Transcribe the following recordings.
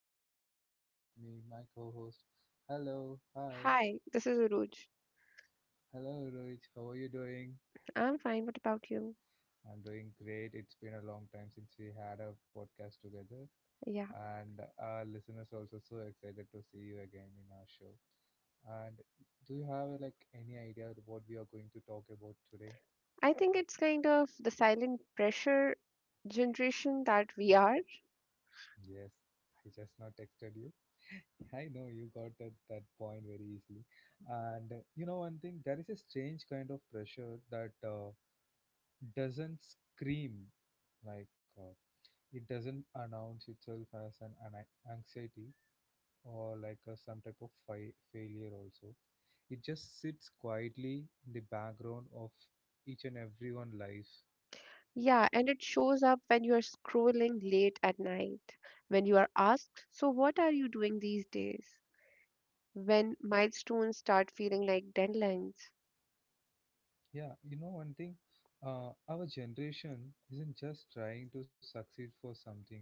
Agilan and joining with me my co-host. Hello, hi, Hi, this is Uruj. hello Rohit, how are you doing? I'm fine. What about you? I'm doing great. It's been a long time since we had a podcast together, Yeah, and our listeners are also so excited to see you again in our show. And do you have like any idea of what we are going to talk about today? I think it's kind of the silent pressure generation that we are. Yes, I just now texted you. I know you got at that point very easily. And one thing, there is a strange kind of pressure that doesn't scream like it doesn't announce itself as an anxiety or like a, some type of failure also. It just sits quietly in the background of each and everyone's life. Yeah, and it shows up when you are scrolling late at night, when you are asked, "So, what are you doing these days?" when milestones start feeling like deadlines. Yeah, you know one thing, our generation isn't just trying to succeed for something.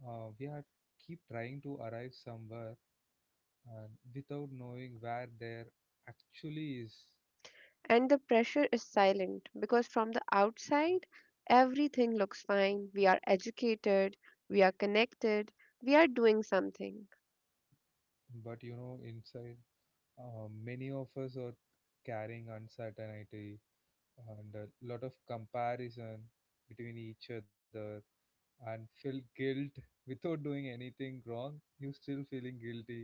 We are keep trying to arrive somewhere uh, without knowing where there actually is. And the pressure is silent because from the outside, everything looks fine. We are educated, we are connected, we are doing something. But you know inside, many of us are carrying uncertainty and a lot of comparison between each other and feel guilt. Without doing anything wrong you still feeling guilty,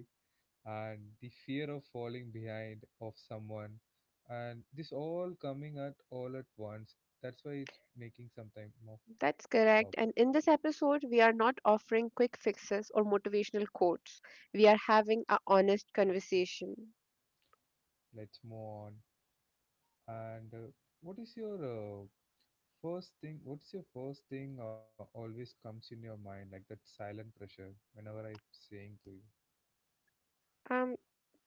and the fear of falling behind of someone, and this all coming at all at once. That's why it's making some time of That's problem. correct. And in this episode, we are not offering quick fixes or motivational quotes. We are having a honest conversation. Let's move on. And what is your first thing always comes in your mind like that silent pressure whenever I'm saying to you. Um,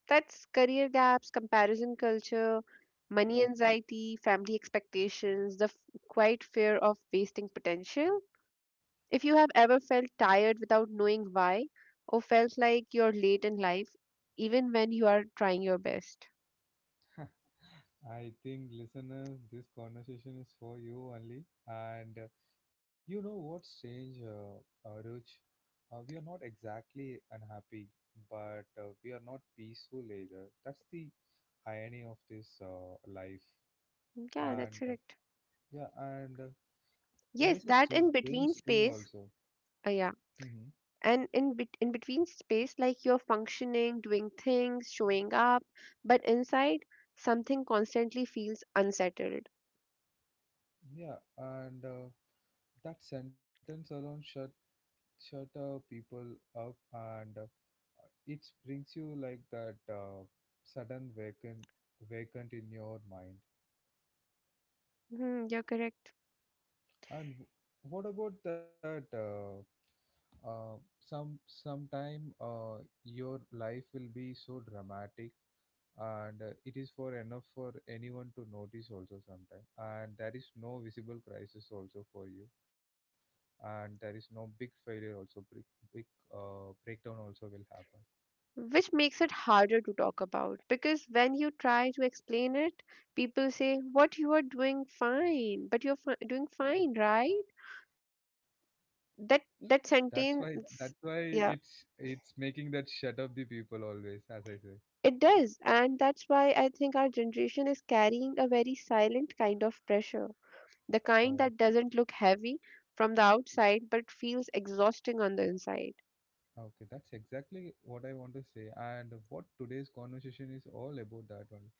that's career gaps, comparison culture, money anxiety, family expectations, quiet fear of wasting potential. If you have ever felt tired without knowing why, or felt like you're late in life, even when you are trying your best. I think listeners this conversation is for you only. And You know what's strange, Ruj? We are not exactly unhappy, but we are not peaceful either. That's the irony of this life. Yeah, that's And correct. yeah, and There Yes, is a that in strange thing between also. space. Yeah, hmm and in between space, like you're functioning, doing things, showing up, but inside, something constantly feels unsettled. Yeah, and that sentence alone shut people up, and it brings you like that sudden vacant in your mind. Hmm, you're correct. And what about that? Sometime your life will be so dramatic, and it is for enough for anyone to notice also sometime. And there is no visible crisis also for you, and there is no big failure also. Big breakdown also will happen. Which makes it harder to talk about, because when you try to explain it people say, "What, you are doing fine, but you're doing fine, right?" That That's why that's sentence, why yeah, it's making that shut up the people always, as I say. it does, and that's why I think our generation is carrying a very silent kind of pressure, the kind Uh, that doesn't look heavy from the outside but feels exhausting on the inside. Okay, that's exactly what I want to say, and what today's conversation is all about that only.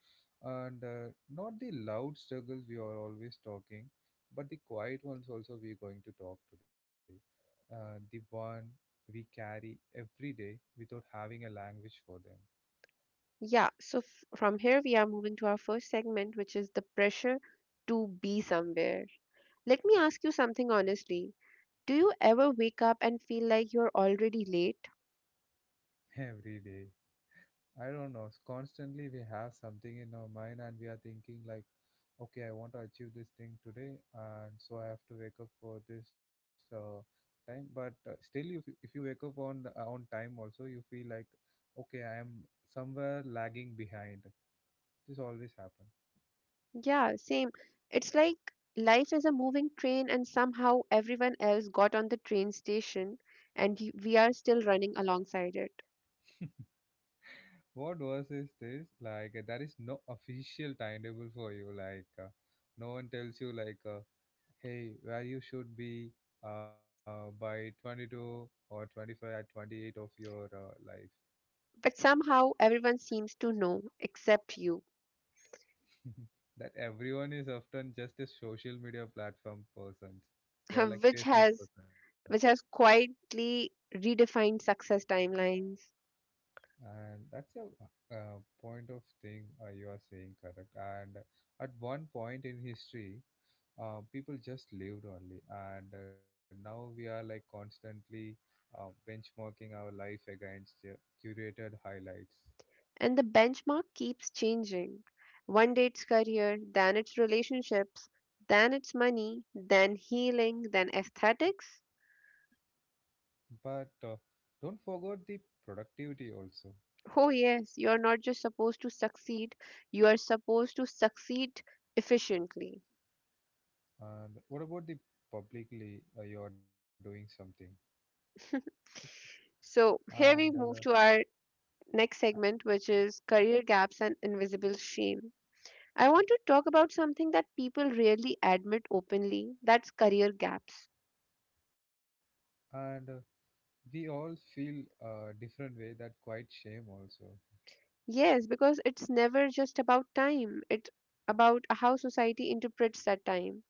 And not the loud struggles we are always talking, but the quiet ones also we're going to talk today. The one we carry every day without having a language for them. Yeah, so from here we are moving to our first segment, which is the pressure to be somewhere. Let me ask you something honestly. Do you ever wake up and feel like you're already late? Every day. I don't know. Constantly we have something in our mind and we are thinking like, okay, I want to achieve this thing today, and so I have to wake up for this time. But still, if you wake up on time also, you feel like, okay, I am somewhere lagging behind. This always happen. Yeah, same. It's like life is a moving train, and somehow everyone else got on the train station, and we are still running alongside it. What worse is this? Like there is no official timetable for you. No one tells you like. Hey, where you should be by 22 or 25 at 28 of your life. But somehow everyone seems to know except you, That everyone is often just a social media platform persons. They are like which faceless has person, which has quietly redefined success timelines. and that's a point of thing you are saying correct. And at one point in history, people just lived only, and now we are like constantly benchmarking our life against curated highlights. And the benchmark keeps changing. One day it's career, then it's relationships, then it's money, then healing, then aesthetics. But don't forget the productivity also. Oh, yes, you're not just supposed to succeed, you are supposed to succeed efficiently. And what about the publicly you are doing something? It's So, here and we uh, move to our next segment, which is career gaps and invisible shame. I want to talk about something that people rarely admit openly, that's career gaps. and we all feel a different way that quite shame also. Yes, because it's never just about time, it's about how society interprets that time.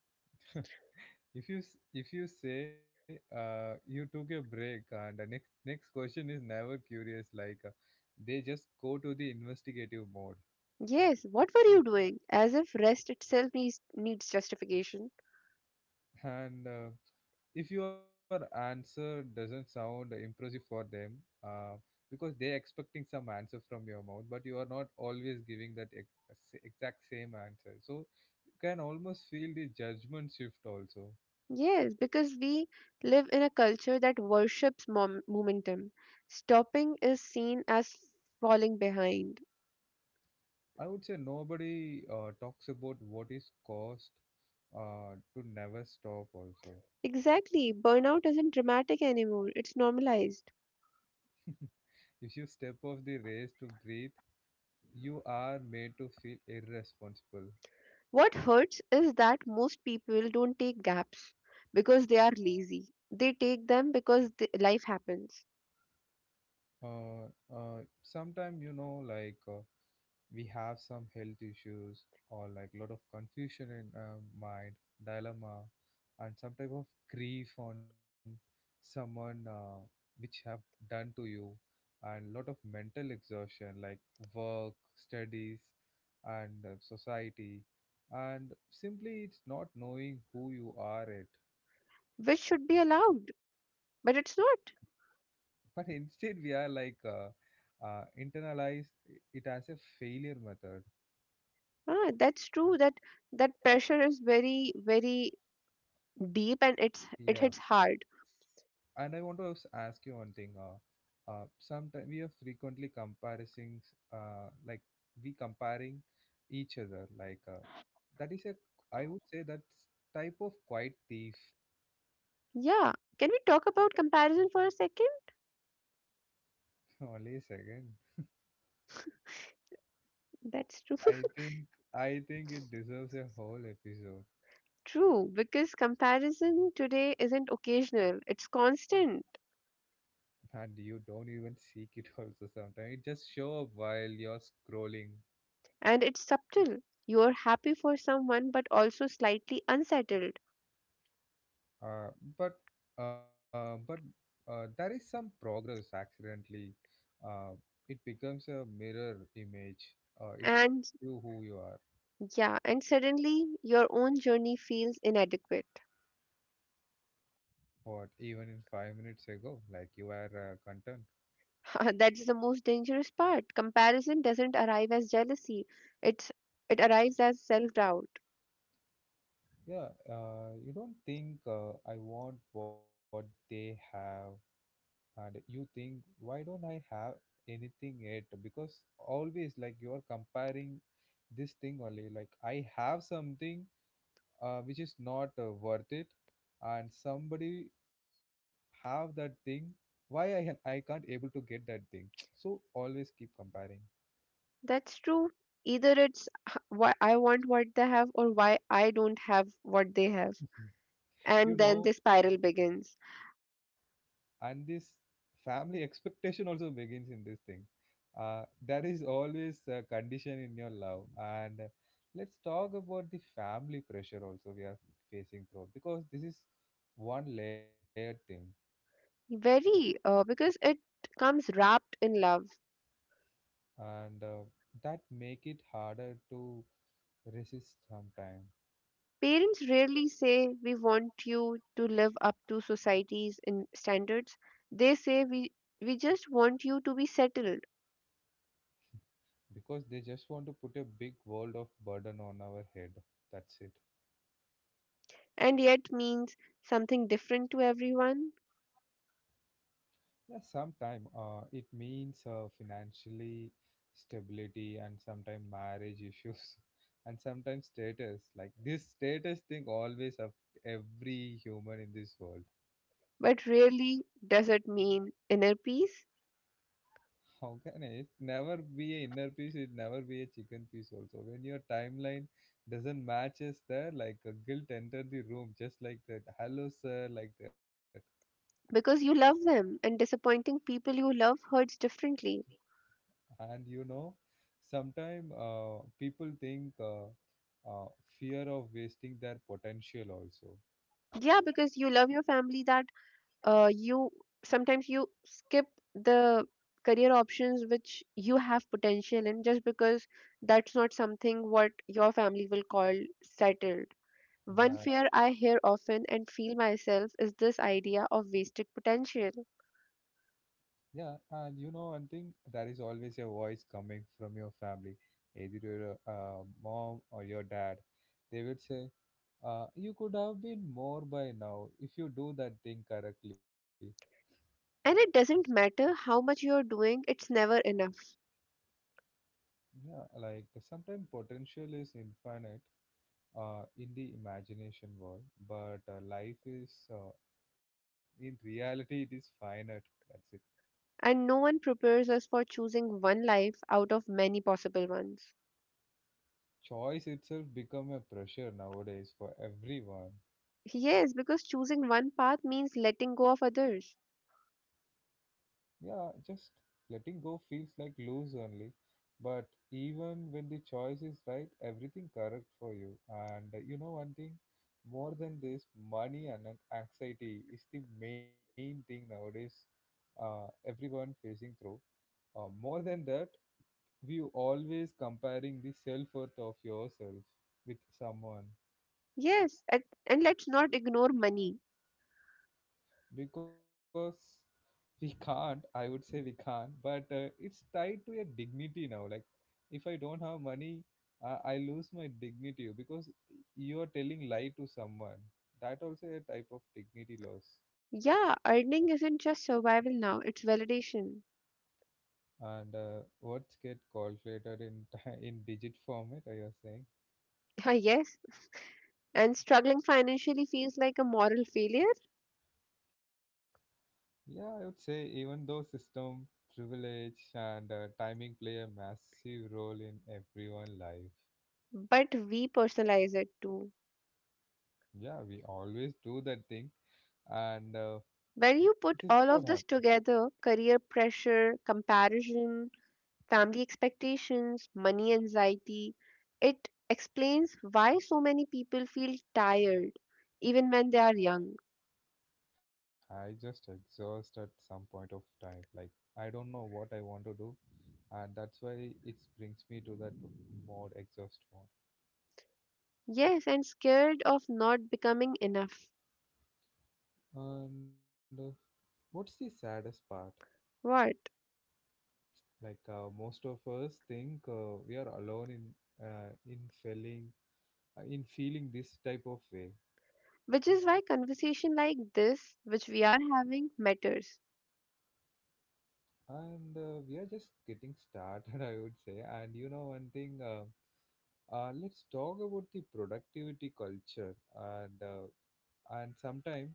If you say you took a break and next question is never curious like they just go to the investigative mode. Yes, what were you doing? As if rest itself needs justification. And If your answer doesn't sound impressive for them, uh, because they're expecting some answer from your mouth but you are not always giving that exact same answer, so you can almost feel the judgment shift also. Yes, because we live in a culture that worships momentum. Stopping is seen as falling behind. I would say nobody talks about what is cost to never stop also. Exactly, burnout isn't dramatic anymore, it's normalized. If you step off the race to breathe you are made to feel irresponsible. What hurts is that most people don't take gaps because they are lazy. They take them because life happens, uh, Sometimes you know like, we have some health issues or like a lot of confusion in mind, dilemma, and some type of grief on someone which have done to you, and lot of mental exhaustion like work, studies, and society, and simply it's not knowing who you are it. which should be allowed, but it's not. But instead, we are like internalized it as a failure method. Ah, that's true, that that pressure is very very deep, and it's it Yeah, hits hard. and I want to ask you one thing. Sometimes we are frequently comparisons, like we comparing each other. That is a, I would say that's type of quiet thief. Yeah, can we talk about comparison for a second? Only a second. That's true. I think I think it deserves a whole episode, True, because comparison today isn't occasional, it's constant, and you don't even seek it. Also, sometimes it just show up while you're scrolling. and it's subtle. You're happy for someone but also slightly unsettled. Uh, but but There is some progress accidentally. Uh, it becomes a mirror image. It And shows you who you are. yeah, and suddenly your own journey feels inadequate. What even in five minutes ago, like you were content. That's the most dangerous part. Comparison doesn't arrive as jealousy. It's it arrives as self-doubt. Yeah, you don't think I want what they have, and you think why don't I have anything yet? Because always like you are comparing this thing only. Like I have something which is not worth it and somebody have that thing, why I can't able to get that thing so always keep comparing. That's true. Either it's why I want what they have, or why I don't have what they have. You And then know the spiral begins. and this family expectation also begins in this thing. There is always a condition in your love, and let's talk about the family pressure also we are facing through, because this is one layered thing. Very, because it comes wrapped in love. And That make it harder to resist sometimes, Parents rarely say, "We want you to live up to society's in standards." They say, we just want you to be settled, because they just want to put a big world of burden on our head. That's it. and yet means something different to everyone. Yeah, sometime it means financially stability and sometimes marriage issues and sometimes status. Like this status thing always of every human in this world. But rarely does it mean inner peace. How can it never be a inner peace? It never be a chicken piece also. When your timeline doesn't matches there, like a guilt enter the room just like that. Hello sir, like that. Because you love them, and disappointing people you love hurts differently. And you know sometimes people think uh, fear of wasting their potential also. Yeah, because you love your family, that, you sometimes you skip the career options which you have potential in just because that's not something what your family will call settled. One Yeah, fear I hear often and feel myself is this idea of wasted potential. yeah, and you know one thing, there is always a voice coming from your family, either your mom or your dad, they would say you could have been more by now if you do that thing correctly. And it doesn't matter how much you're doing, it's never enough. Yeah, like sometimes potential is infinite in the imagination world, but life is in reality it is finite. That's it. And no one prepares us for choosing one life out of many possible ones. Choice itself become a pressure nowadays for everyone. Yes, because choosing one path means letting go of others. Yeah, just letting go feels like lose only, but even when the choice is right everything correct for you. And You know one thing, more than this, money and anxiety is the main thing nowadays, everyone facing through. More than that we always comparing the self-worth of yourself with someone, Yes, at, and let's not ignore money. because we can't, I would say we can't, but it's tied to a dignity now. Like if I don't have money I lose my dignity, because you are telling lie to someone, that also a type of dignity loss. Yeah, earning isn't just survival now, it's validation. And What's get calculated in in digit format are you saying? yes, and struggling financially feels like a moral failure, Yeah, I would say even though system privilege and timing play a massive role in everyone life. but we personalize it too. Yeah, we always do that thing, and When this is you what put all happened. of this together, career pressure, comparison, family expectations, money anxiety, it explains why so many people feel tired even when they are young. I just exhaust at some point of time. Like I don't know what I want to do, and that's why it brings me to that mode, exhaust Yes, and scared of not becoming enough. mode. And what's the saddest part? What? Like most of us think we are alone in uh, in feeling in feeling this type of way. Which is why conversation like this, which we are having, matters. And we are just getting started, I would say. And you know one thing, let's talk about the productivity culture. And uh, and sometimes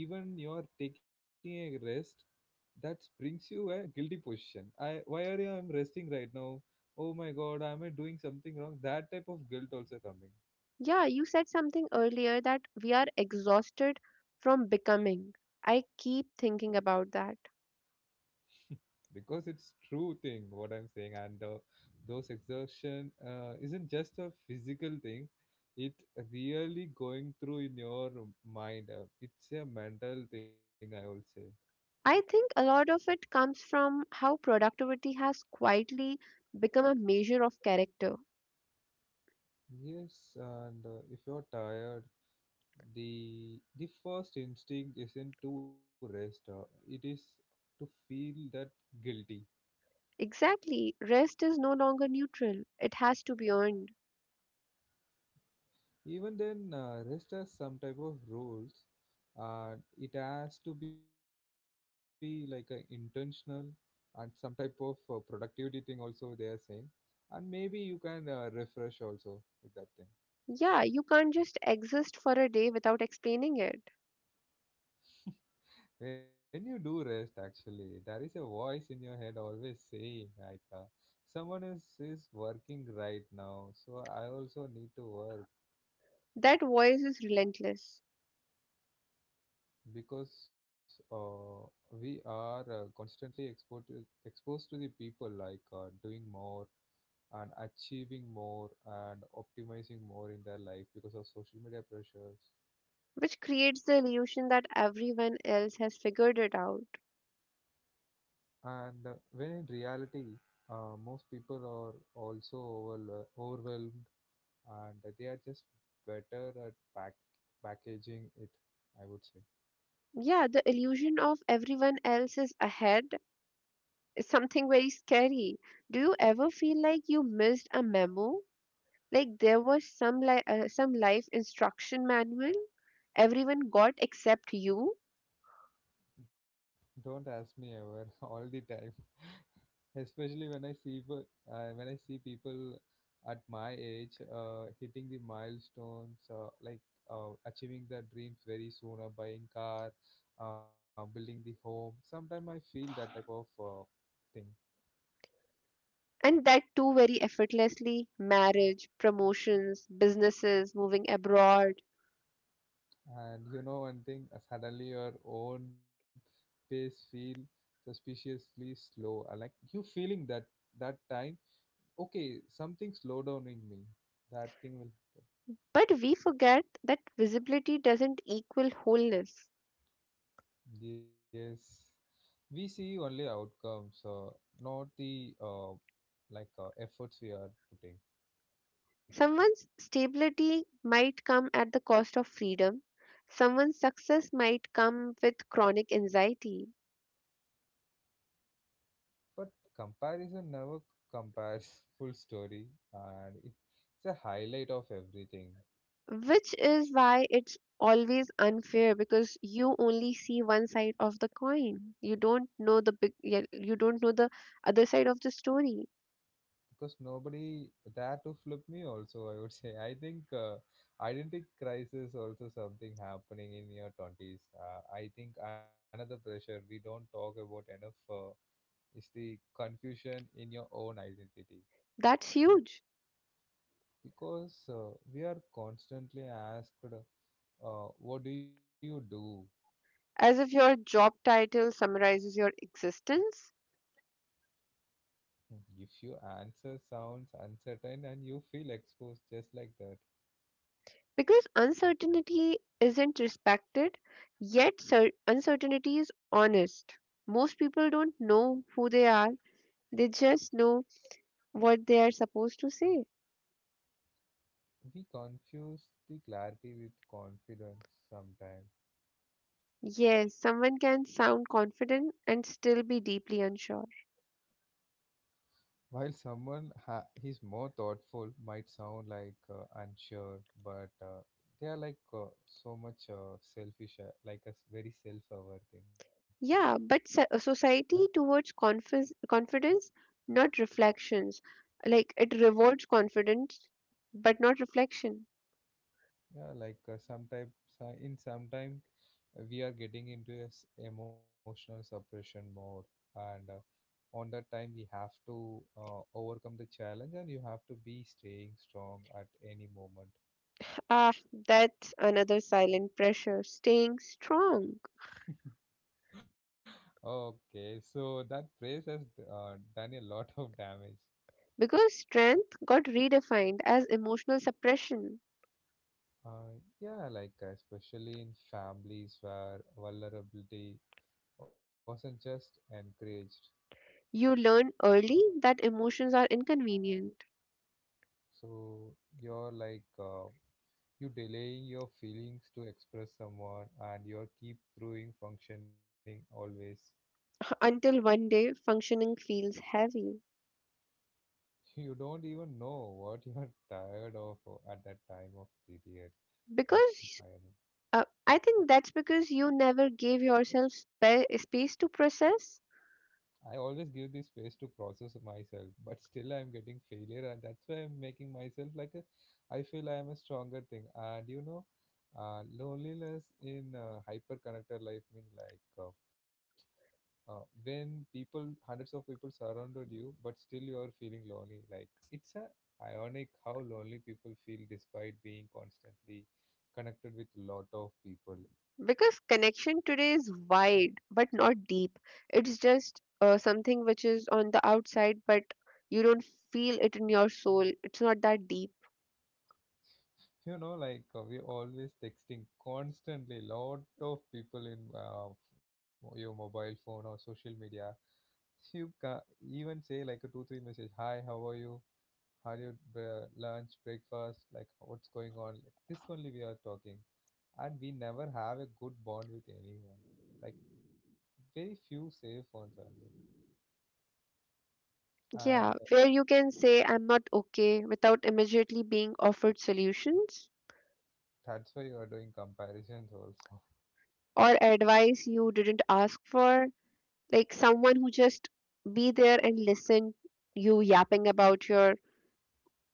even you're taking a rest, that brings you a guilty position. I why are you — I'm resting right now. Oh my god, am I doing something wrong? That type of guilt also coming. Yeah, you said something earlier that we are exhausted from becoming. I keep thinking about that. Because it's true thing what I'm saying. And those exertion isn't just a physical thing. It really going through in your mind. It's a mental thing, I will say. I think a lot of it comes from how productivity has quietly become a measure of character. Yes, and if you're tired, the first instinct isn't to rest. It is to feel that guilty. Exactly, rest is no longer neutral, it has to be earned. Even then, rest has some type of rules, and it has to be like a intentional. And some type of productivity thing also they are saying. And maybe you can refresh also with that thing. Yeah, you can't just exist for a day without explaining it. When you do rest, actually there is a voice in your head always saying, like, someone is working right now, so I also need to work. That voice is relentless, Because uh, we are constantly exposed to the people, like, doing more and achieving more and optimizing more in their life because of social media pressures. which creates the illusion that everyone else has figured it out. And when in reality, most people are also overwhelmed, and they are just better at packaging it, I would say. Yeah, the illusion of everyone else is ahead is something very scary. Do you ever feel like you missed a memo? Like there was some some life instruction manual everyone got except you, Don't ask me ever, all the time. Especially when I see when I see people at my age hitting the milestones, like, achieving their dreams very soon, or buying car, building the home. Sometimes I feel that type of thing. and that too very effortlessly, marriage, promotions, businesses, moving abroad. And you know one thing, suddenly your own pace feel suspiciously slow. Like, you feeling that, that time, okay, something slow down in me. That thing will. But we forget that visibility doesn't equal wholeness. Yes, we see only outcomes, not the like, efforts we are putting. Someone's stability might come at the cost of freedom. Someone's success might come with chronic anxiety, But comparison never compares full story, and it's a highlight of everything. which is why it's always unfair, because you only see one side of the coin. You don't know the big, yeah, you don't know the other side of the story. Because nobody there to flip me. Also, I would say, I think identity crisis also something happening in your twenties. I think another pressure we don't talk about enough is the confusion in your own identity. That's huge. Because we are constantly asked, what do you do? As if your job title summarizes your existence. Hmm. If your answer sounds uncertain and you feel exposed just like that, Because uncertainty isn't respected, yet uncertainty is honest. Most people don't know who they are, they just know what they are supposed to say. we confuse the clarity with confidence sometimes. Yes, someone can sound confident and still be deeply unsure. While someone is more thoughtful might sound like, unsure, but they are like, so much selfish, like a very self-aware thing. Yeah, but society towards confidence, not reflections. Like, it rewards confidence but not reflection. Yeah, like, sometimes in sometimes we are getting into this emotional suppression mode, and on that time we have to overcome the challenge, and you have to be staying strong at any moment. Ah, that's another silent pressure, staying strong. Okay, so that phrase has done a lot of damage. Because strength got redefined as emotional suppression. uh, yeah, like, especially in families where vulnerability wasn't just encouraged. You learn early that emotions are inconvenient So you're like, you delaying your feelings to express someone, and you keep throwing functioning always. until one day functioning feels heavy. You don't even know what you are tired of at that time of period. That's the Because, irony. I think that's because you never gave yourself space to process. I always give this space to process myself, but still I'm getting failure, and that's why I'm making myself like a. I feel I'm a stronger thing. And you know, loneliness in hyper connected life means like, when people hundreds of people surrounded you but still you are feeling lonely, like it's a ironic how lonely people feel despite being constantly connected with lot of people. Because connection today is wide but not deep. It's just, something which is on the outside, but you don't feel it in your soul. It's not that deep. You know, like, we always texting constantly lot of people in your mobile phone or social media. You ca- even say like a 2 3 message, hi how are you, Hollywood lunch, breakfast, like what's going on. Like, this only we are talking, and we never have a good bond with anyone. Like, very few safe ones are there, and Yeah, where you can say, "I'm not okay," without immediately being offered solutions that's why you are doing comparisons also. or advice you didn't ask for. Like someone who just be there and listen you yapping about your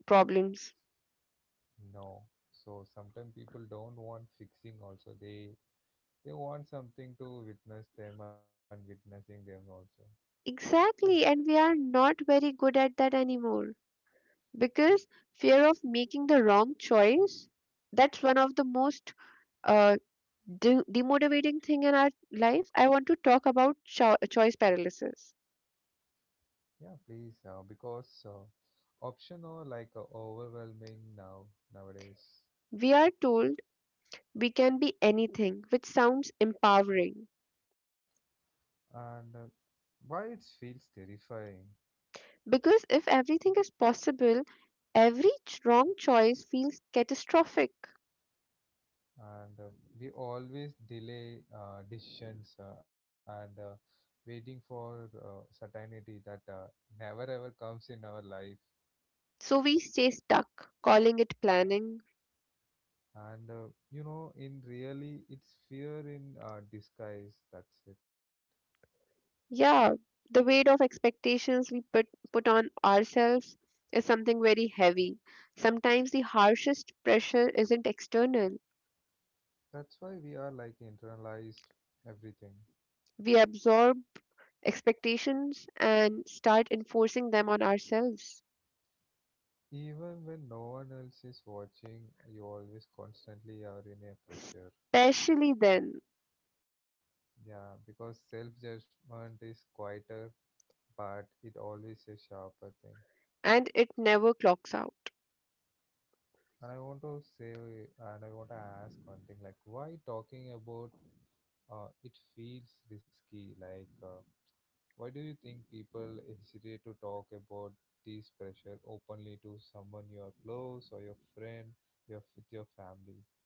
problems. No, so sometimes people don't want fixing also. They want something to witness them, and witnessing them also. Exactly, and we are not very good at that anymore. Because fear of making the wrong choice, that's one of the most, uh, demotivating thing in our life. I want to talk about choice paralysis. Yeah, please, because option are like, overwhelming now, nowadays. We are told we can be anything, which sounds empowering, And why it feels terrifying. because if everything is possible, every wrong choice feels catastrophic. And we always delay decisions, and waiting for certainty that never ever comes in our life. So we stay stuck calling it planning. And you know, in really, it's fear in disguise. That's it. Yeah, the weight of expectations we put on ourselves is something very heavy. Sometimes the harshest pressure isn't external. That's why we are like internalized everything. We absorb expectations and start enforcing them on ourselves. Even when no one else is watching, you always constantly are in a pressure. Especially then. Yeah, because self judgment is quieter, but it always a sharper thing. And it never clocks out. And I want to say, and I want to ask one thing, like, why talking about it feels risky. Like, why do you think people hesitate to talk about this pressure openly to someone you are close, or your friend, your with your family?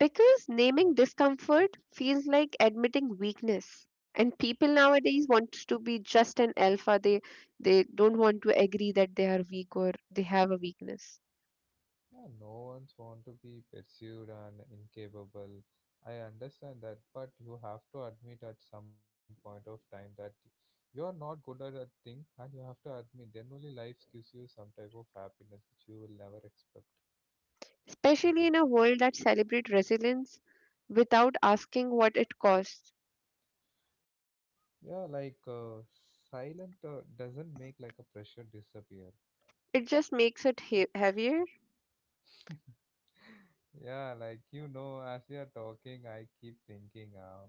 Because naming discomfort feels like admitting weakness, and people nowadays want to be just an alpha, they don't want to agree that they are weak or they have a weakness. Yeah, no one's want to be pursued and incapable. I understand that, but you have to admit at some point of time that you are not good at a thing, and you have to admit. Then only life gives you some type of happiness which you will never expect. Especially in a world that celebrates resilience without asking what it costs. Yeah, like, silent doesn't make like a pressure disappear. It just makes it heavier. Yeah, like you know, as we are talking, I keep thinking,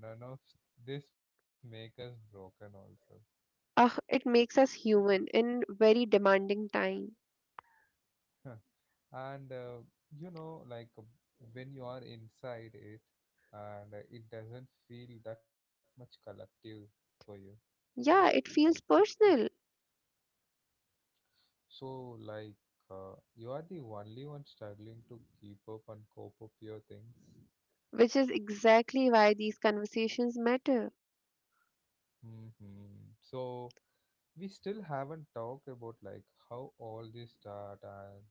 none of this make us broken also. Ah, it makes us human in very demanding time. And you know, like, when you are inside it, and it doesn't feel that much collective for you. Yeah, it feels personal, So, like, you are the only one struggling to keep up and cope up your things. which is exactly why these conversations matter, Hmm. So we still haven't talked about, like, how all this start, and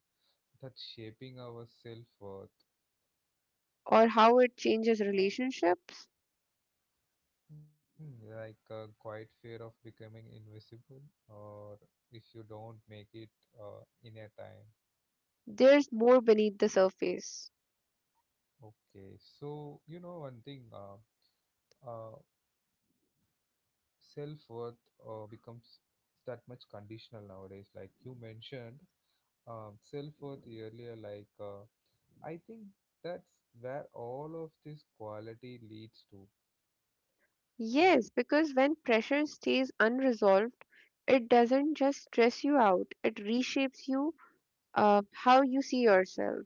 that shaping our self-worth. or how it changes relationships. Hmm, like a quiet fear of becoming invisible, or if you don't make it in a time. There's more beneath the surface. Okay, so you know one thing, uh, self worth becomes that much conditional nowadays. Like you mentioned, self worth earlier. Like, I think that's where all of this quality leads to. Yes, because when pressure stays unresolved, it doesn't just stress you out, it reshapes you, how you see yourself.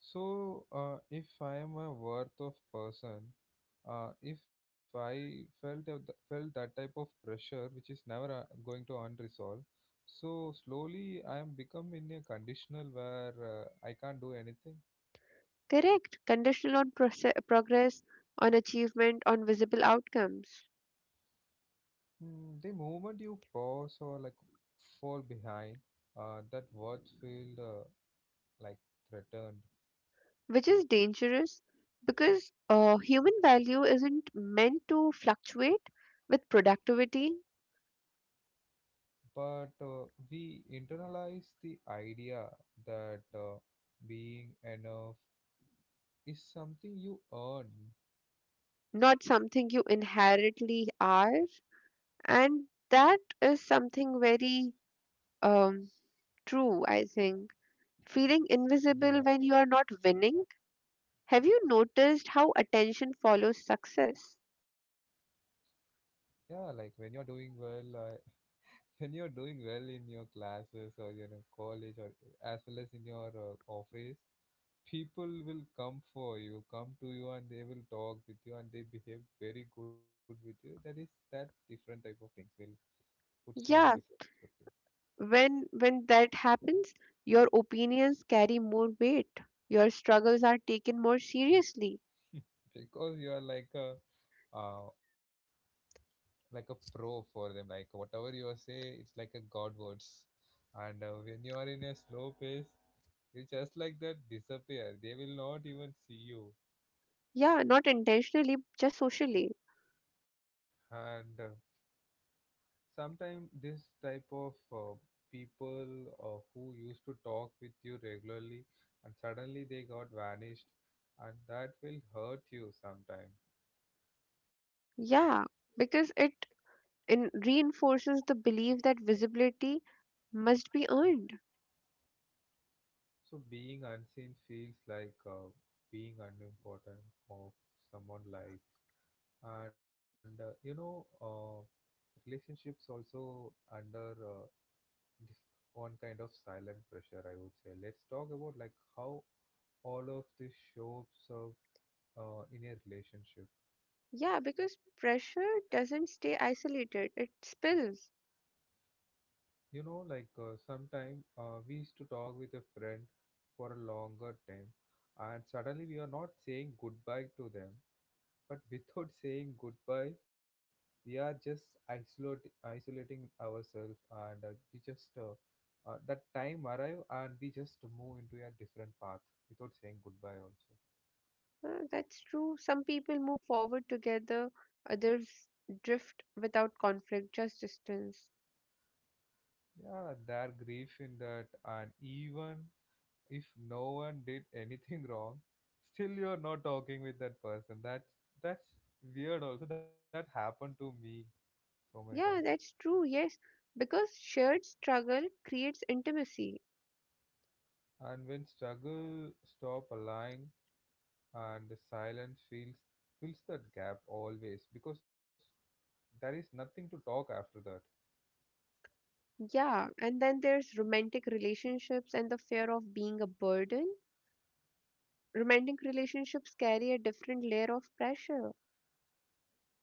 So, if I am a worth of person, if I felt of felt that type of pressure, which is never going to unresolve, so slowly I am become in a conditional where I can't do anything. Correct. Conditional on progress, on achievement, on visible outcomes, Mm, the moment you pause or, like, fall behind, that worth feel like threatened. which is dangerous, because human value isn't meant to fluctuate with productivity, But we internalize the idea that being enough is something you earn. not something you inherently are. And that is something very, um, true, I think. Feeling invisible Yeah, when you are not winning. Have you noticed how attention follows success? yeah. Like when you're doing well, when you're doing well in your classes or you know college or as well as in your office, people will come for you, come to you, and they will talk with you, and they behave very good with you. That is that different type of things will put you in Yeah, different perspective. when that happens your opinions carry more weight, your struggles are taken more seriously. Because you are like a, uh, like a pro for them. Like whatever you are say, it's like a god words. And when you are in a slow pace, you just like that disappear, they will not even see you. Yeah, not intentionally, just socially. And sometimes this type of people who used to talk with you regularly, and suddenly they got vanished, and that will hurt you sometime. Yeah, because it in reinforces the belief that visibility must be earned. So being unseen feels like, being unimportant of someone's life. And you know, relationships also under this one kind of silent pressure, I would say. Let's talk about, like, how all of this shows up in a relationship. Yeah, because pressure doesn't stay isolated, it spills. You know, like, sometime we used to talk with a friend for a longer time, and suddenly we are not saying goodbye to them, but without saying goodbye, we are just isolating ourselves, and we just that time arrive and we just move into a different path without saying goodbye also. That's true, some people move forward together, others drift without conflict, just distance. Yeah, their grief in that, and even if no one did anything wrong, still you're not talking with that person. That's weird. Also, that happened to me so many times. Yeah, that's true. Yes, because shared struggle creates intimacy. And when struggle stop aligning, and the silence fills that gap always, because there is nothing to talk after that. Yeah, and then there's romantic relationships and the fear of being a burden. Romantic relationships carry a different layer of pressure.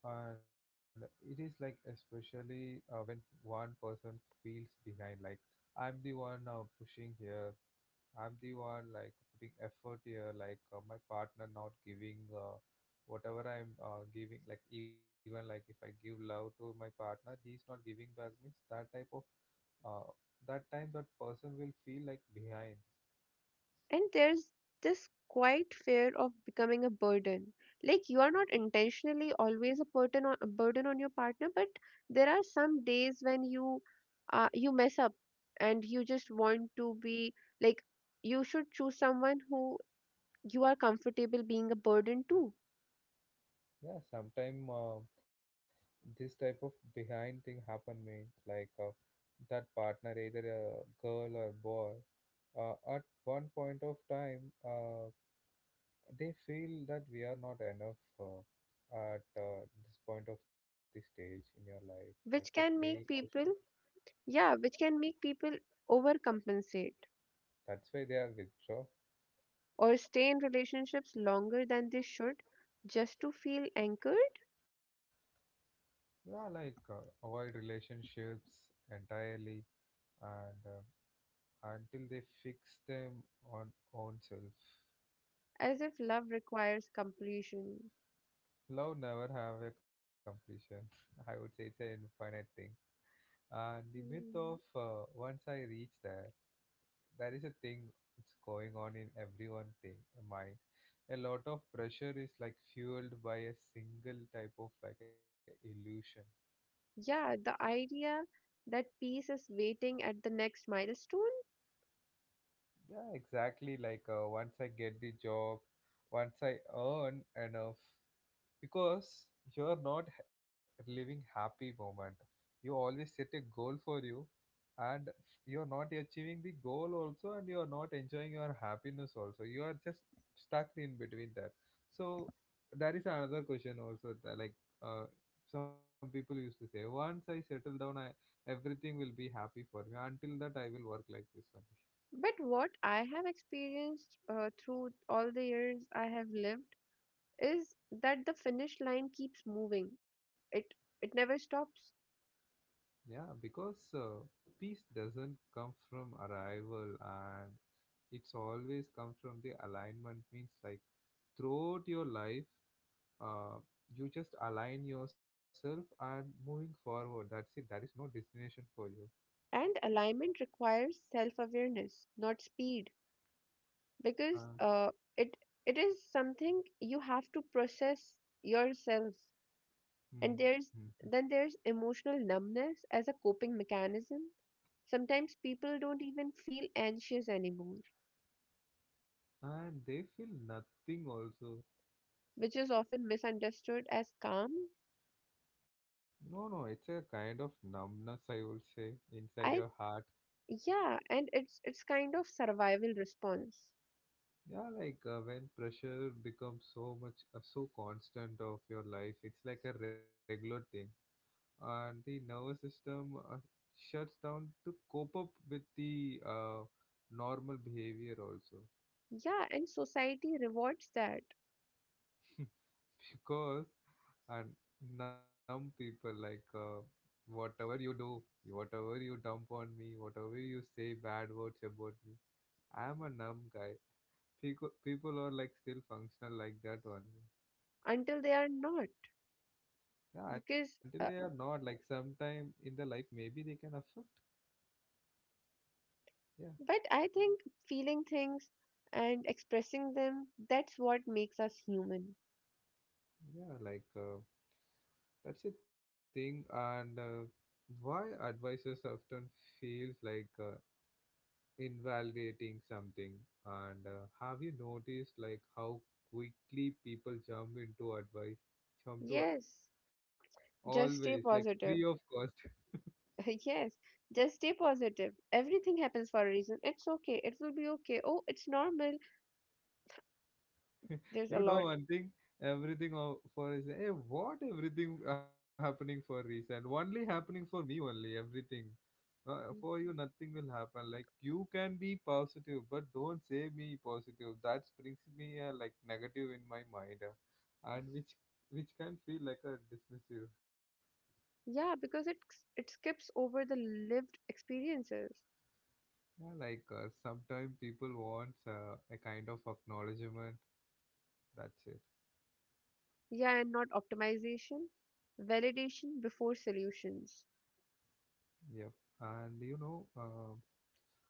And it is like, especially when one person feels behind, like, I'm the one now pushing here, I'm the one like putting effort here, like, my partner not giving whatever I'm giving, like even, like, if I give love to my partner, he's not giving back means that type of uh, that time that person will feel like behind. And there's this quiet fear of becoming a burden. Like you are not intentionally always a burden on your partner, but there are some days when you you mess up and you just want to be like you should choose someone who you are comfortable being a burden too Yeah, sometime this type of behind thing happen means like that partner either a girl or boy at one point of time they feel that we are not enough at this point of the stage in your life like that which they can make question. people, yeah, which can make people overcompensate That's why they are withdraw. or stay in relationships longer than they should just to feel anchored, Yeah, like avoid relationships entirely, and until they fix them on own self. as if love requires completion. Love never have a completion I would say it's an infinite thing, and the myth of Mm, once I reach there, there is a thing. It's going on in everyone thing mind. A lot of pressure is like fueled by a single type of like a illusion. yeah, the idea that peace is waiting at the next milestone. Yeah, exactly, like once I get the job, once I earn enough, because you're not h- living happy moment. You always set a goal for you, and you're not achieving the goal also, and you're not enjoying your happiness also. You are just stuck in between that. So that is another question also that, like uh, some people used to say once I settle down I everything will be happy for me until that I will work like this one. But what I have experienced through all the years I have lived is that the finish line keeps moving. It it never stops. Yeah, because peace doesn't come from arrival, and it's always come from the alignment, means like throughout your life uh, you just align yourself and moving forward, that's it. There is no destination for you. And alignment requires self-awareness, not speed, because uh, it it is something you have to process yourself. And mhm. there's then there's emotional numbness as a coping mechanism. Sometimes people don't even feel anxious anymore, And they feel nothing also. which is often misunderstood as calm. No, no, it's a kind of numbness I would say, inside your I heart. Yeah, and it's kind of survival response. Yeah, like when pressure becomes so much so constant of your life, it's like a regular thing, and the nervous system shuts down to cope up with the normal behavior also. Yeah, and society rewards that, Because, and numb people like whatever you do, whatever you dump on me, whatever you say bad words about me, I am a numb guy. People are like still functional like that only. until they are not, Yeah, until because they are uh, not, like sometime in their life maybe they can affect. Yeah, but I think feeling things and expressing them, that's what makes us human. yeah, like that's a thing. And why advices often feels like invalidating something. And have you noticed like how quickly people jump into advice? Jump to ad- Yes, always just like stay free of positive. cost. Yes, just stay positive. Everything happens for a reason. It's okay. It will be okay. Oh, it's normal. There's a You know lot. one thing, everything o- for is hey, what everything happening for reason? Only happening for me only everything. For you nothing will happen. Like you can be positive, but don't say me positive. That brings me like negative in my mind, and which can feel like a dismissive. Yeah, because it skips over the lived experiences. Yeah, like sometimes people want a kind of acknowledgement. That's it. Yeah, and not optimization. Validation before solutions. Yep. And you know,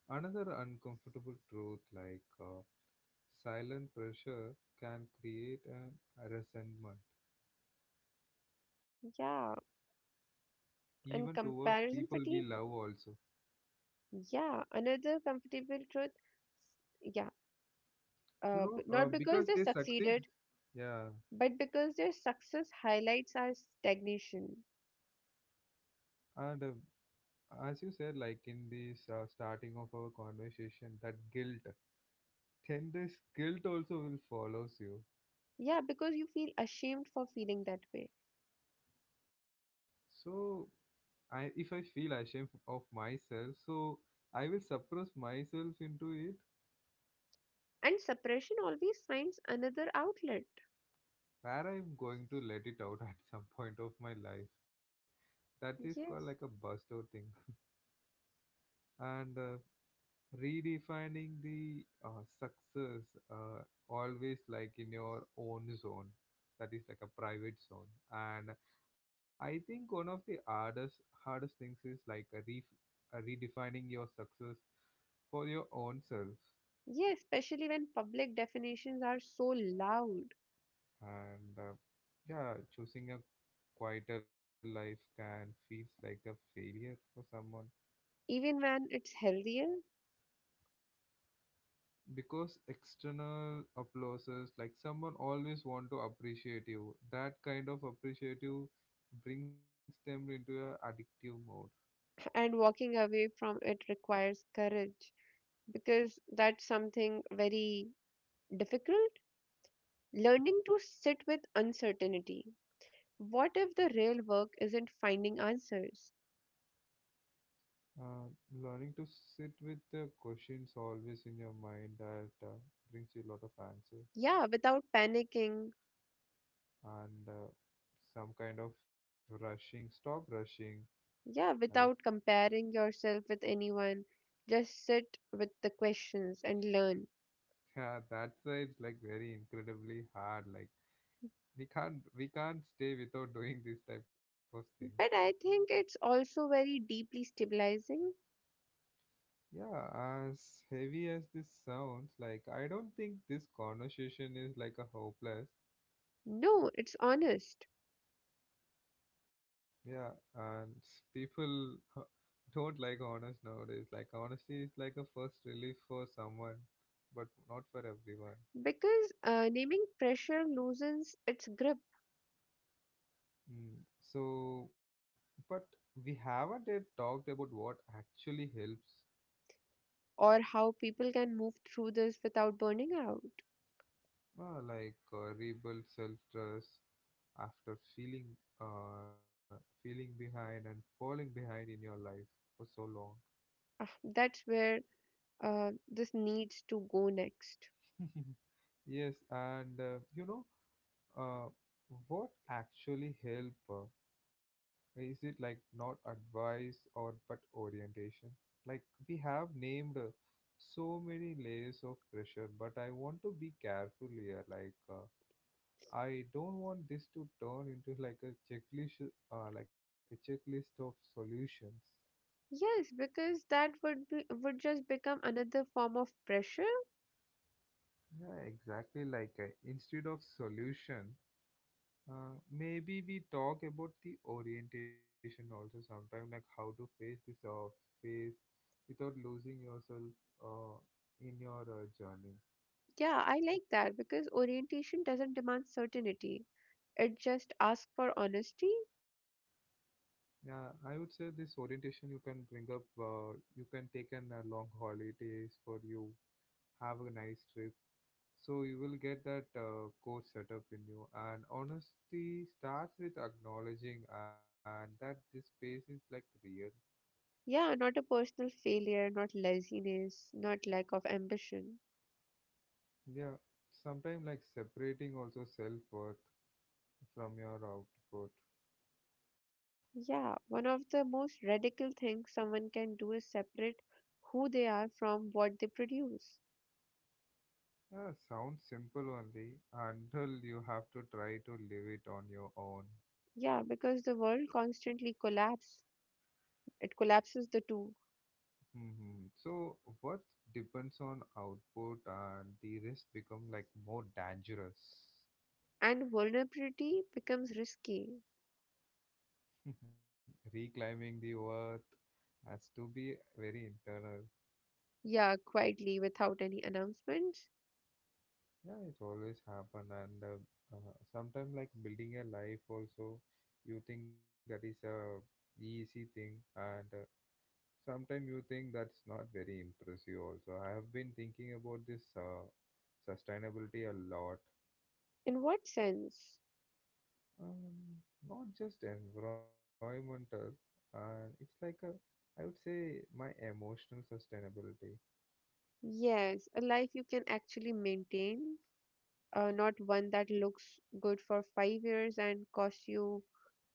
another uncomfortable truth like silent pressure can create an resentment Yeah, even and towards people comparison we fatigue. love also. Yeah, another comfortable truth. Yeah, You know, not because because they they succeed. succeeded, Yeah. but because their success highlights our stagnation. And as you said, like in this starting of our conversation, that guilt, then this guilt also will follows you. Yeah, because you feel ashamed for feeling that way. So I, if I feel ashamed of myself, so I will suppress myself into it And suppression always finds another outlet. where I'm going to let it out at some point of my life. That is called like a Yes. bust out thing. And redefining the success uh, always like in your own zone. That is like a private zone. And I think one of the hardest things is like a, re- a redefining your success for your own self. Yes, especially when public definitions are so loud, And yeah, choosing a quieter life can feels like a failure for someone even when it's healthier. because external applauses like someone always want to appreciate you, that kind of appreciate you brings them into a addictive mode. And walking away from it requires courage, because that's something very difficult. Learning to sit with uncertainty. What if the real work isn't finding answers? uh, Learning to sit with the questions always in your mind that brings you a lot of answers. Yeah, without panicking. And some kind of rushing, stop rushing. I Yeah, would. without comparing yourself with anyone. Just sit with the questions and learn. Yeah, that's why it's like very incredibly hard. Like we can't stay without doing these type of things. But I think it's also very deeply stabilizing. Yeah, as heavy as this sounds, like I don't think this conversation is like a hopeless. No, it's honest. Yeah, and s- people uh, don't like honest nowadays. Like honesty is like a first relief for someone, but not for everyone. Because naming pressure loosens its grip, Mm. So, but we haven't yet talked about what actually helps. or how people can move through this without burning out. Well, like rebuild self-trust after feeling feeling behind and falling behind in your life for so long. Ah, that's where this needs to go next. Yes, and you know uh, what actually help? Is it like not advice or but orientation? Like we have named so many layers of pressure, but I want to be careful here. Like I don't want this to turn into like a checklist of solutions. Yes, because that would be would just become another form of pressure. Yeah, exactly. Like instead of solution, maybe we talk about the orientation also sometime, like how to face this phase without losing yourself uh, in your journey. Yeah, I like that because orientation doesn't demand certainty. It just asks for honesty. Yeah, I would say this orientation you can bring up. You can take an long holidays for you. Have a nice trip. So you will get that core setup in you. And honesty starts with acknowledging and that this space is like real. Yeah, not a personal failure, not laziness, not lack of ambition. Yeah, sometimes like separating also self worth from your output. Yeah, one of the most radical things someone can do is separate who they are from what they produce. Yeah, sounds simple only until you have to try to live it on your own. Yeah, because the world constantly collapses, it collapses the two, Hmm. So what depends on output and the risk become like more dangerous. and vulnerability becomes risky. Reclaiming the worth has to be very internal. Yeah, quietly without any announcements. Yeah, it always happen, and sometimes like building a life also, you think that is a easy thing, and sometimes you think that's not very impressive. Also, I have been thinking about this sustainability a lot, In what sense? um, not just environmental, and it's like a I would say my emotional sustainability. Yes, a life you can actually maintain, not one that looks good for five years and costs you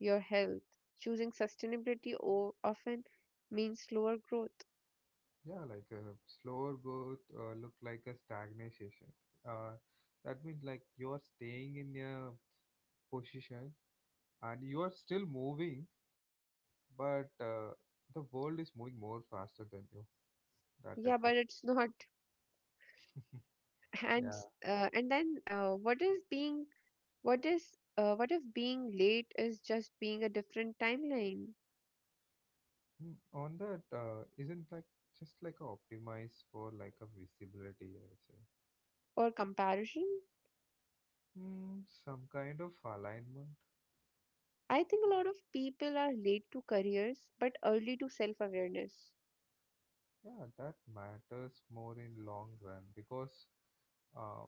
your health. Choosing sustainability often means slower growth. Yeah, like slower growth look like a stagnation. Uh, that means like you are staying in a position and you are still moving, but the world is moving more faster than you. That type of. Yeah, but it's not. And Yeah. s- and then what is being what is what if being late is just being a different timeline Mm. On that, isn't like just like a optimize for like a visibility, I would say. or comparison? Mm, some kind of alignment. I think a lot of people are late to careers but early to self awareness. Yeah, that matters more in long run because uh,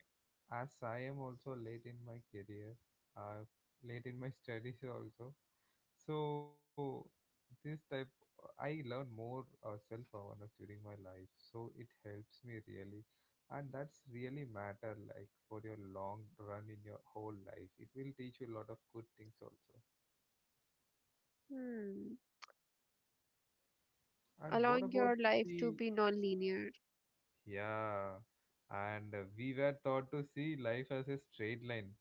as I am also late in my career, uh, late in my studies also. So this type, I learn more self-awareness during my life. So it helps me really, and that's really matter like for your long run in your whole life. It will teach you a lot of good things also. Hmm. And what about Allowing your life the. to be non linear. Yeah, and we were taught to see life as a straight line.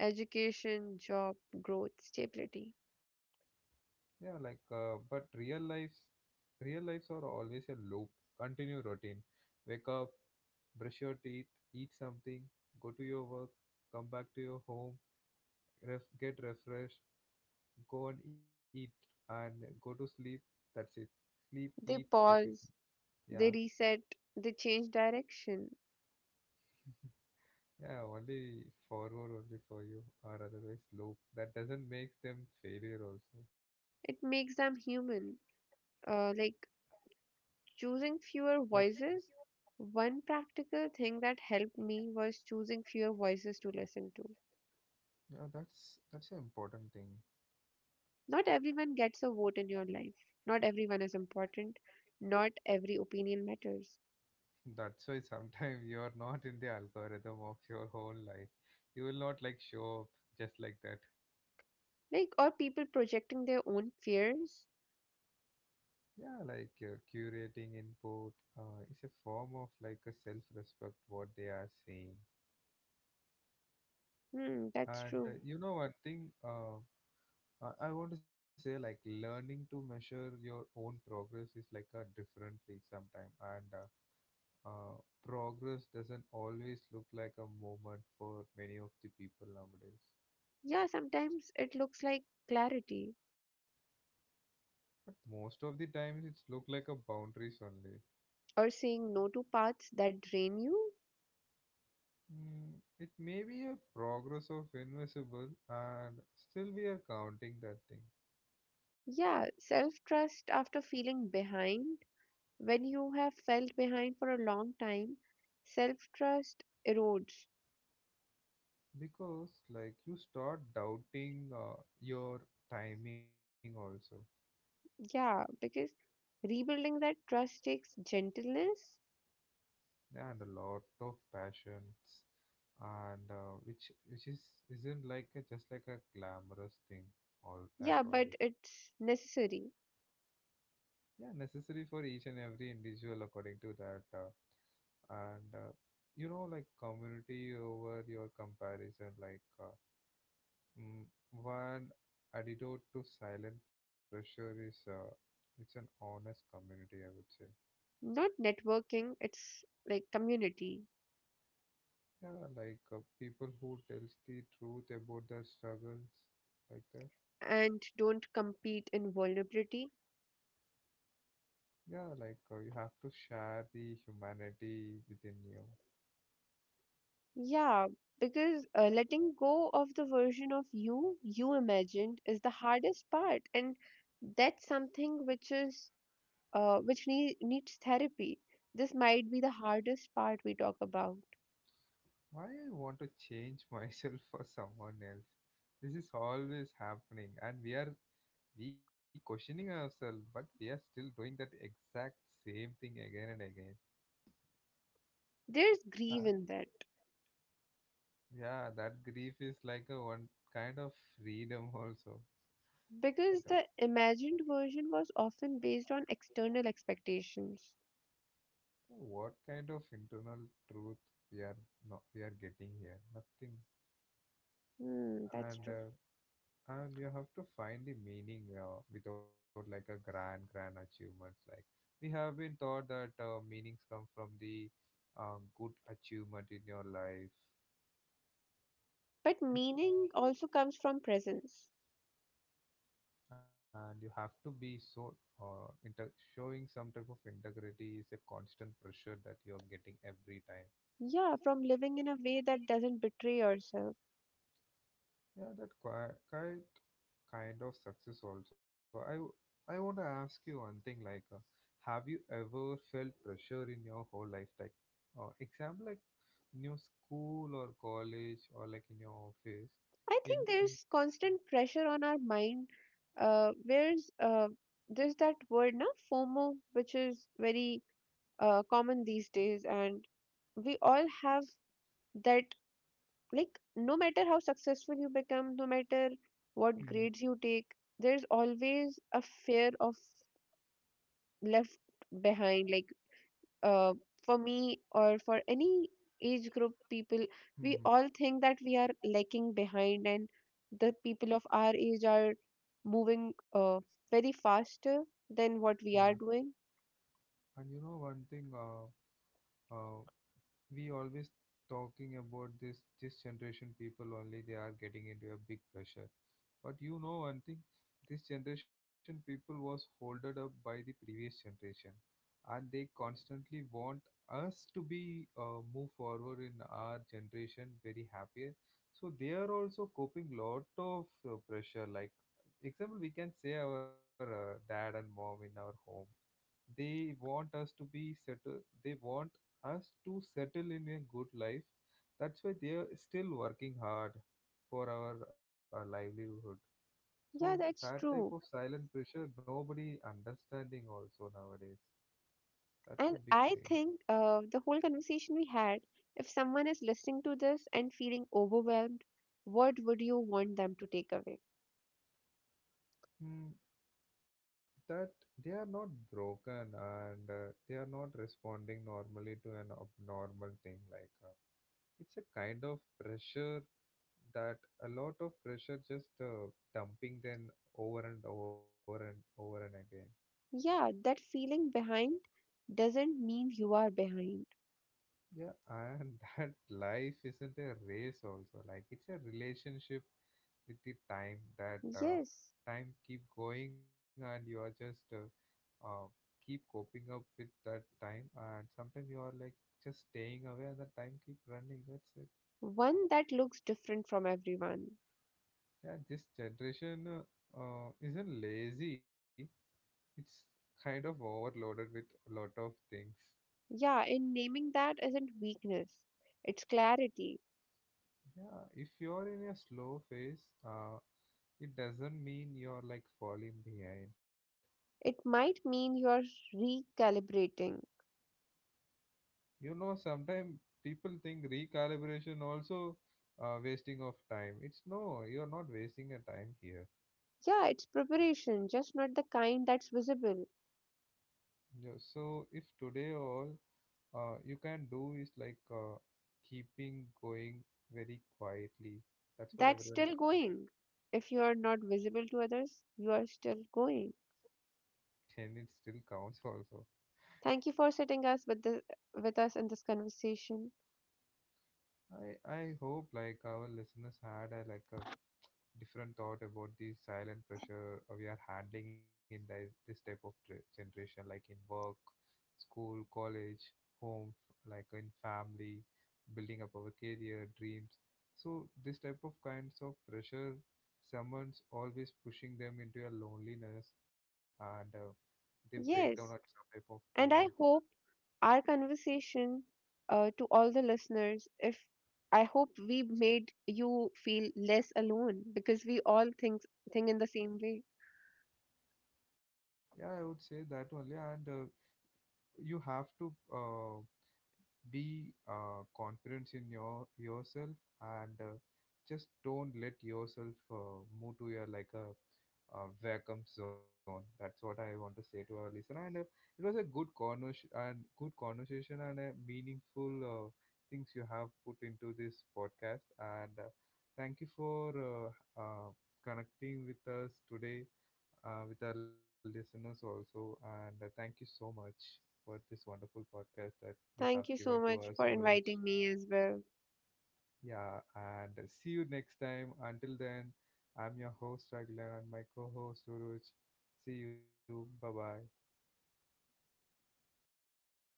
Education, job, growth, stability. Yeah, like but real lives are always a loop, continue routine. Wake up, brush your teeth, eat something, go to your work, come back to your home, ref- get refreshed, go and eat, and go to sleep. That's it. Sleep, eat, They repeat. pause, Yeah, they reset, they change direction. yeah. Only forward, only for you, or otherwise loop. That doesn't make them failure also. It makes them human. Like choosing fewer Like, voices. One practical thing that helped me was choosing fewer voices to listen to. yeah, that's an important thing. Not everyone gets a vote in your life. Not everyone is important. Not every opinion matters. That's why sometimes you're not in the algorithm of your whole life, you will not like show up just like that. Like, or people projecting their own fears. Yeah, like curating input is a form of like a self-respect what they are saying. Hmm, that's And true. You know one thing I want to say like learning to measure your own progress is like a differently sometime. And Uh, progress doesn't always look like a movement for many of the people nowadays. Yeah, sometimes it looks like clarity But most of the times, it's look like a boundaries only. or saying no to paths that drain you. Mm, it may be a progress of invisible, and still we are counting that thing Yeah, self trust after feeling behind. When you have felt behind for a long time, self trust erodes. because, like, you start doubting your timing also, Yeah, because rebuilding that trust takes gentleness. and a lot of passions, and which is isn't like a, just like a glamorous thing all as Yeah, but always. it's necessary. Yeah, necessary for each and every individual according to that and you know like community over your comparison like mm, one antidote to silent pressure is it's an honest community I would say. Not networking, it's like community. Yeah, like people who tells the truth about their struggles, like that. And don't compete in vulnerability. Yeah, like you have to share the humanity within you. Yeah, because letting go of the version of you you imagined is the hardest part, and that's something which is needs therapy. This might be the hardest part we talk about. Why I want to change myself for someone else? This is always happening, and we are we questioning ourselves, but we are still doing that exact same thing again and again. There's Uh, grief in that yeah, that grief is like a one kind of freedom also. You because It the is imagined version was often based on external expectations. what kind of internal truth we are not we are getting here? Nothing. Hmm, that's And true. uh, and you have to find the meaning without like a grand grand achievements like we have been taught that meanings come from the good achievement in your life. But meaning also comes from presence. And you have to be so inter- showing some type of integrity is a constant pressure that you're getting every time. Yeah, from living in a way that doesn't betray yourself. Yeah, that quite, kind of success also I w- I want to ask you one thing like have you ever felt pressure in your whole life like example like in your school or college or like in your office, I in think in. there's constant pressure on our mind. Where's There's that word now FOMO, which is very common these days, and we all have that. Like, no matter how successful you become, no matter what Mhm, grades you take, there's always a fear of left behind. Like, uh, for me or for any age group people, we mhm, all think that we are lacking behind, and the people of our age are moving very faster than what yeah. we are doing. And you know one thing uh we always talking about this this generation people only they are getting into a big pressure. But you know one thing, this generation people was holded up by the previous generation, and they constantly want us to be move forward in our generation very happier. So they are also coping lot of pressure. Like example, we can say our dad and mom in our home. They want us to be settle. They want us to settle in a good life. That's why they are still working hard for our livelihood. So Yeah, that's that type of true. silent pressure, nobody understanding also nowadays. That's a And big I thing. think the whole conversation we had, if someone is listening to this and feeling overwhelmed, what would you want them to take away? Mm, that they are not broken, and they are not responding normally to an abnormal thing like it's a kind of pressure that a lot of pressure just dumping them over and over and over and again. Yeah, that feeling behind doesn't mean you are behind. Yeah, and that life isn't a race also. Like it's a relationship with the time that Yes. time keep going and you are just uh, keep coping up with that time, and sometimes you are like just staying away and the time keep running. That's it. One that looks different from everyone. Yeah, this generation isn't lazy. It's kind of overloaded with a lot of things. Yeah, and naming that isn't weakness, it's clarity. Yeah, if you're in a slow phase, uh, it doesn't mean you're like falling behind. It might mean you're recalibrating. You know, sometimes people think recalibration also wasting of time. It's no, you're not wasting a time here. Yeah, it's preparation, just not the kind that's visible. Yeah, so if today all you can do is like keeping going very quietly. That's what That's everyone still expecting. going. If you're not visible to others, you are still going. And it still counts also. Thank you for sitting us with the with us in this conversation. I hope like our listeners had a like a different thought about the silent pressure we are handling in this, this type of tra- generation, like in work, school, college, home, like in family, building up our career, dreams. So this type of kinds of pressure, someone's always pushing them into a loneliness, and they break down at some Yes, type of moment. and I hope our conversation, to all the listeners, if I hope we made you feel less alone because we all think in the same way. Yeah, I would say that only, and you have to. Be confident in your yourself, and just don't let yourself move to your like a, vacuum zone. That's what I want to say to our listener. And it was a good convers and good conversation, and meaningful things you have put into this podcast. And thank you for uh, connecting with us today with our listeners also. And thank you so much for this wonderful podcast I you have Thank you given so to much us, for Oroj. inviting me as well. Yeah, and see you next time. Until then, I'm your host, Raglan, and my co host, Oroj. See you. Bye bye.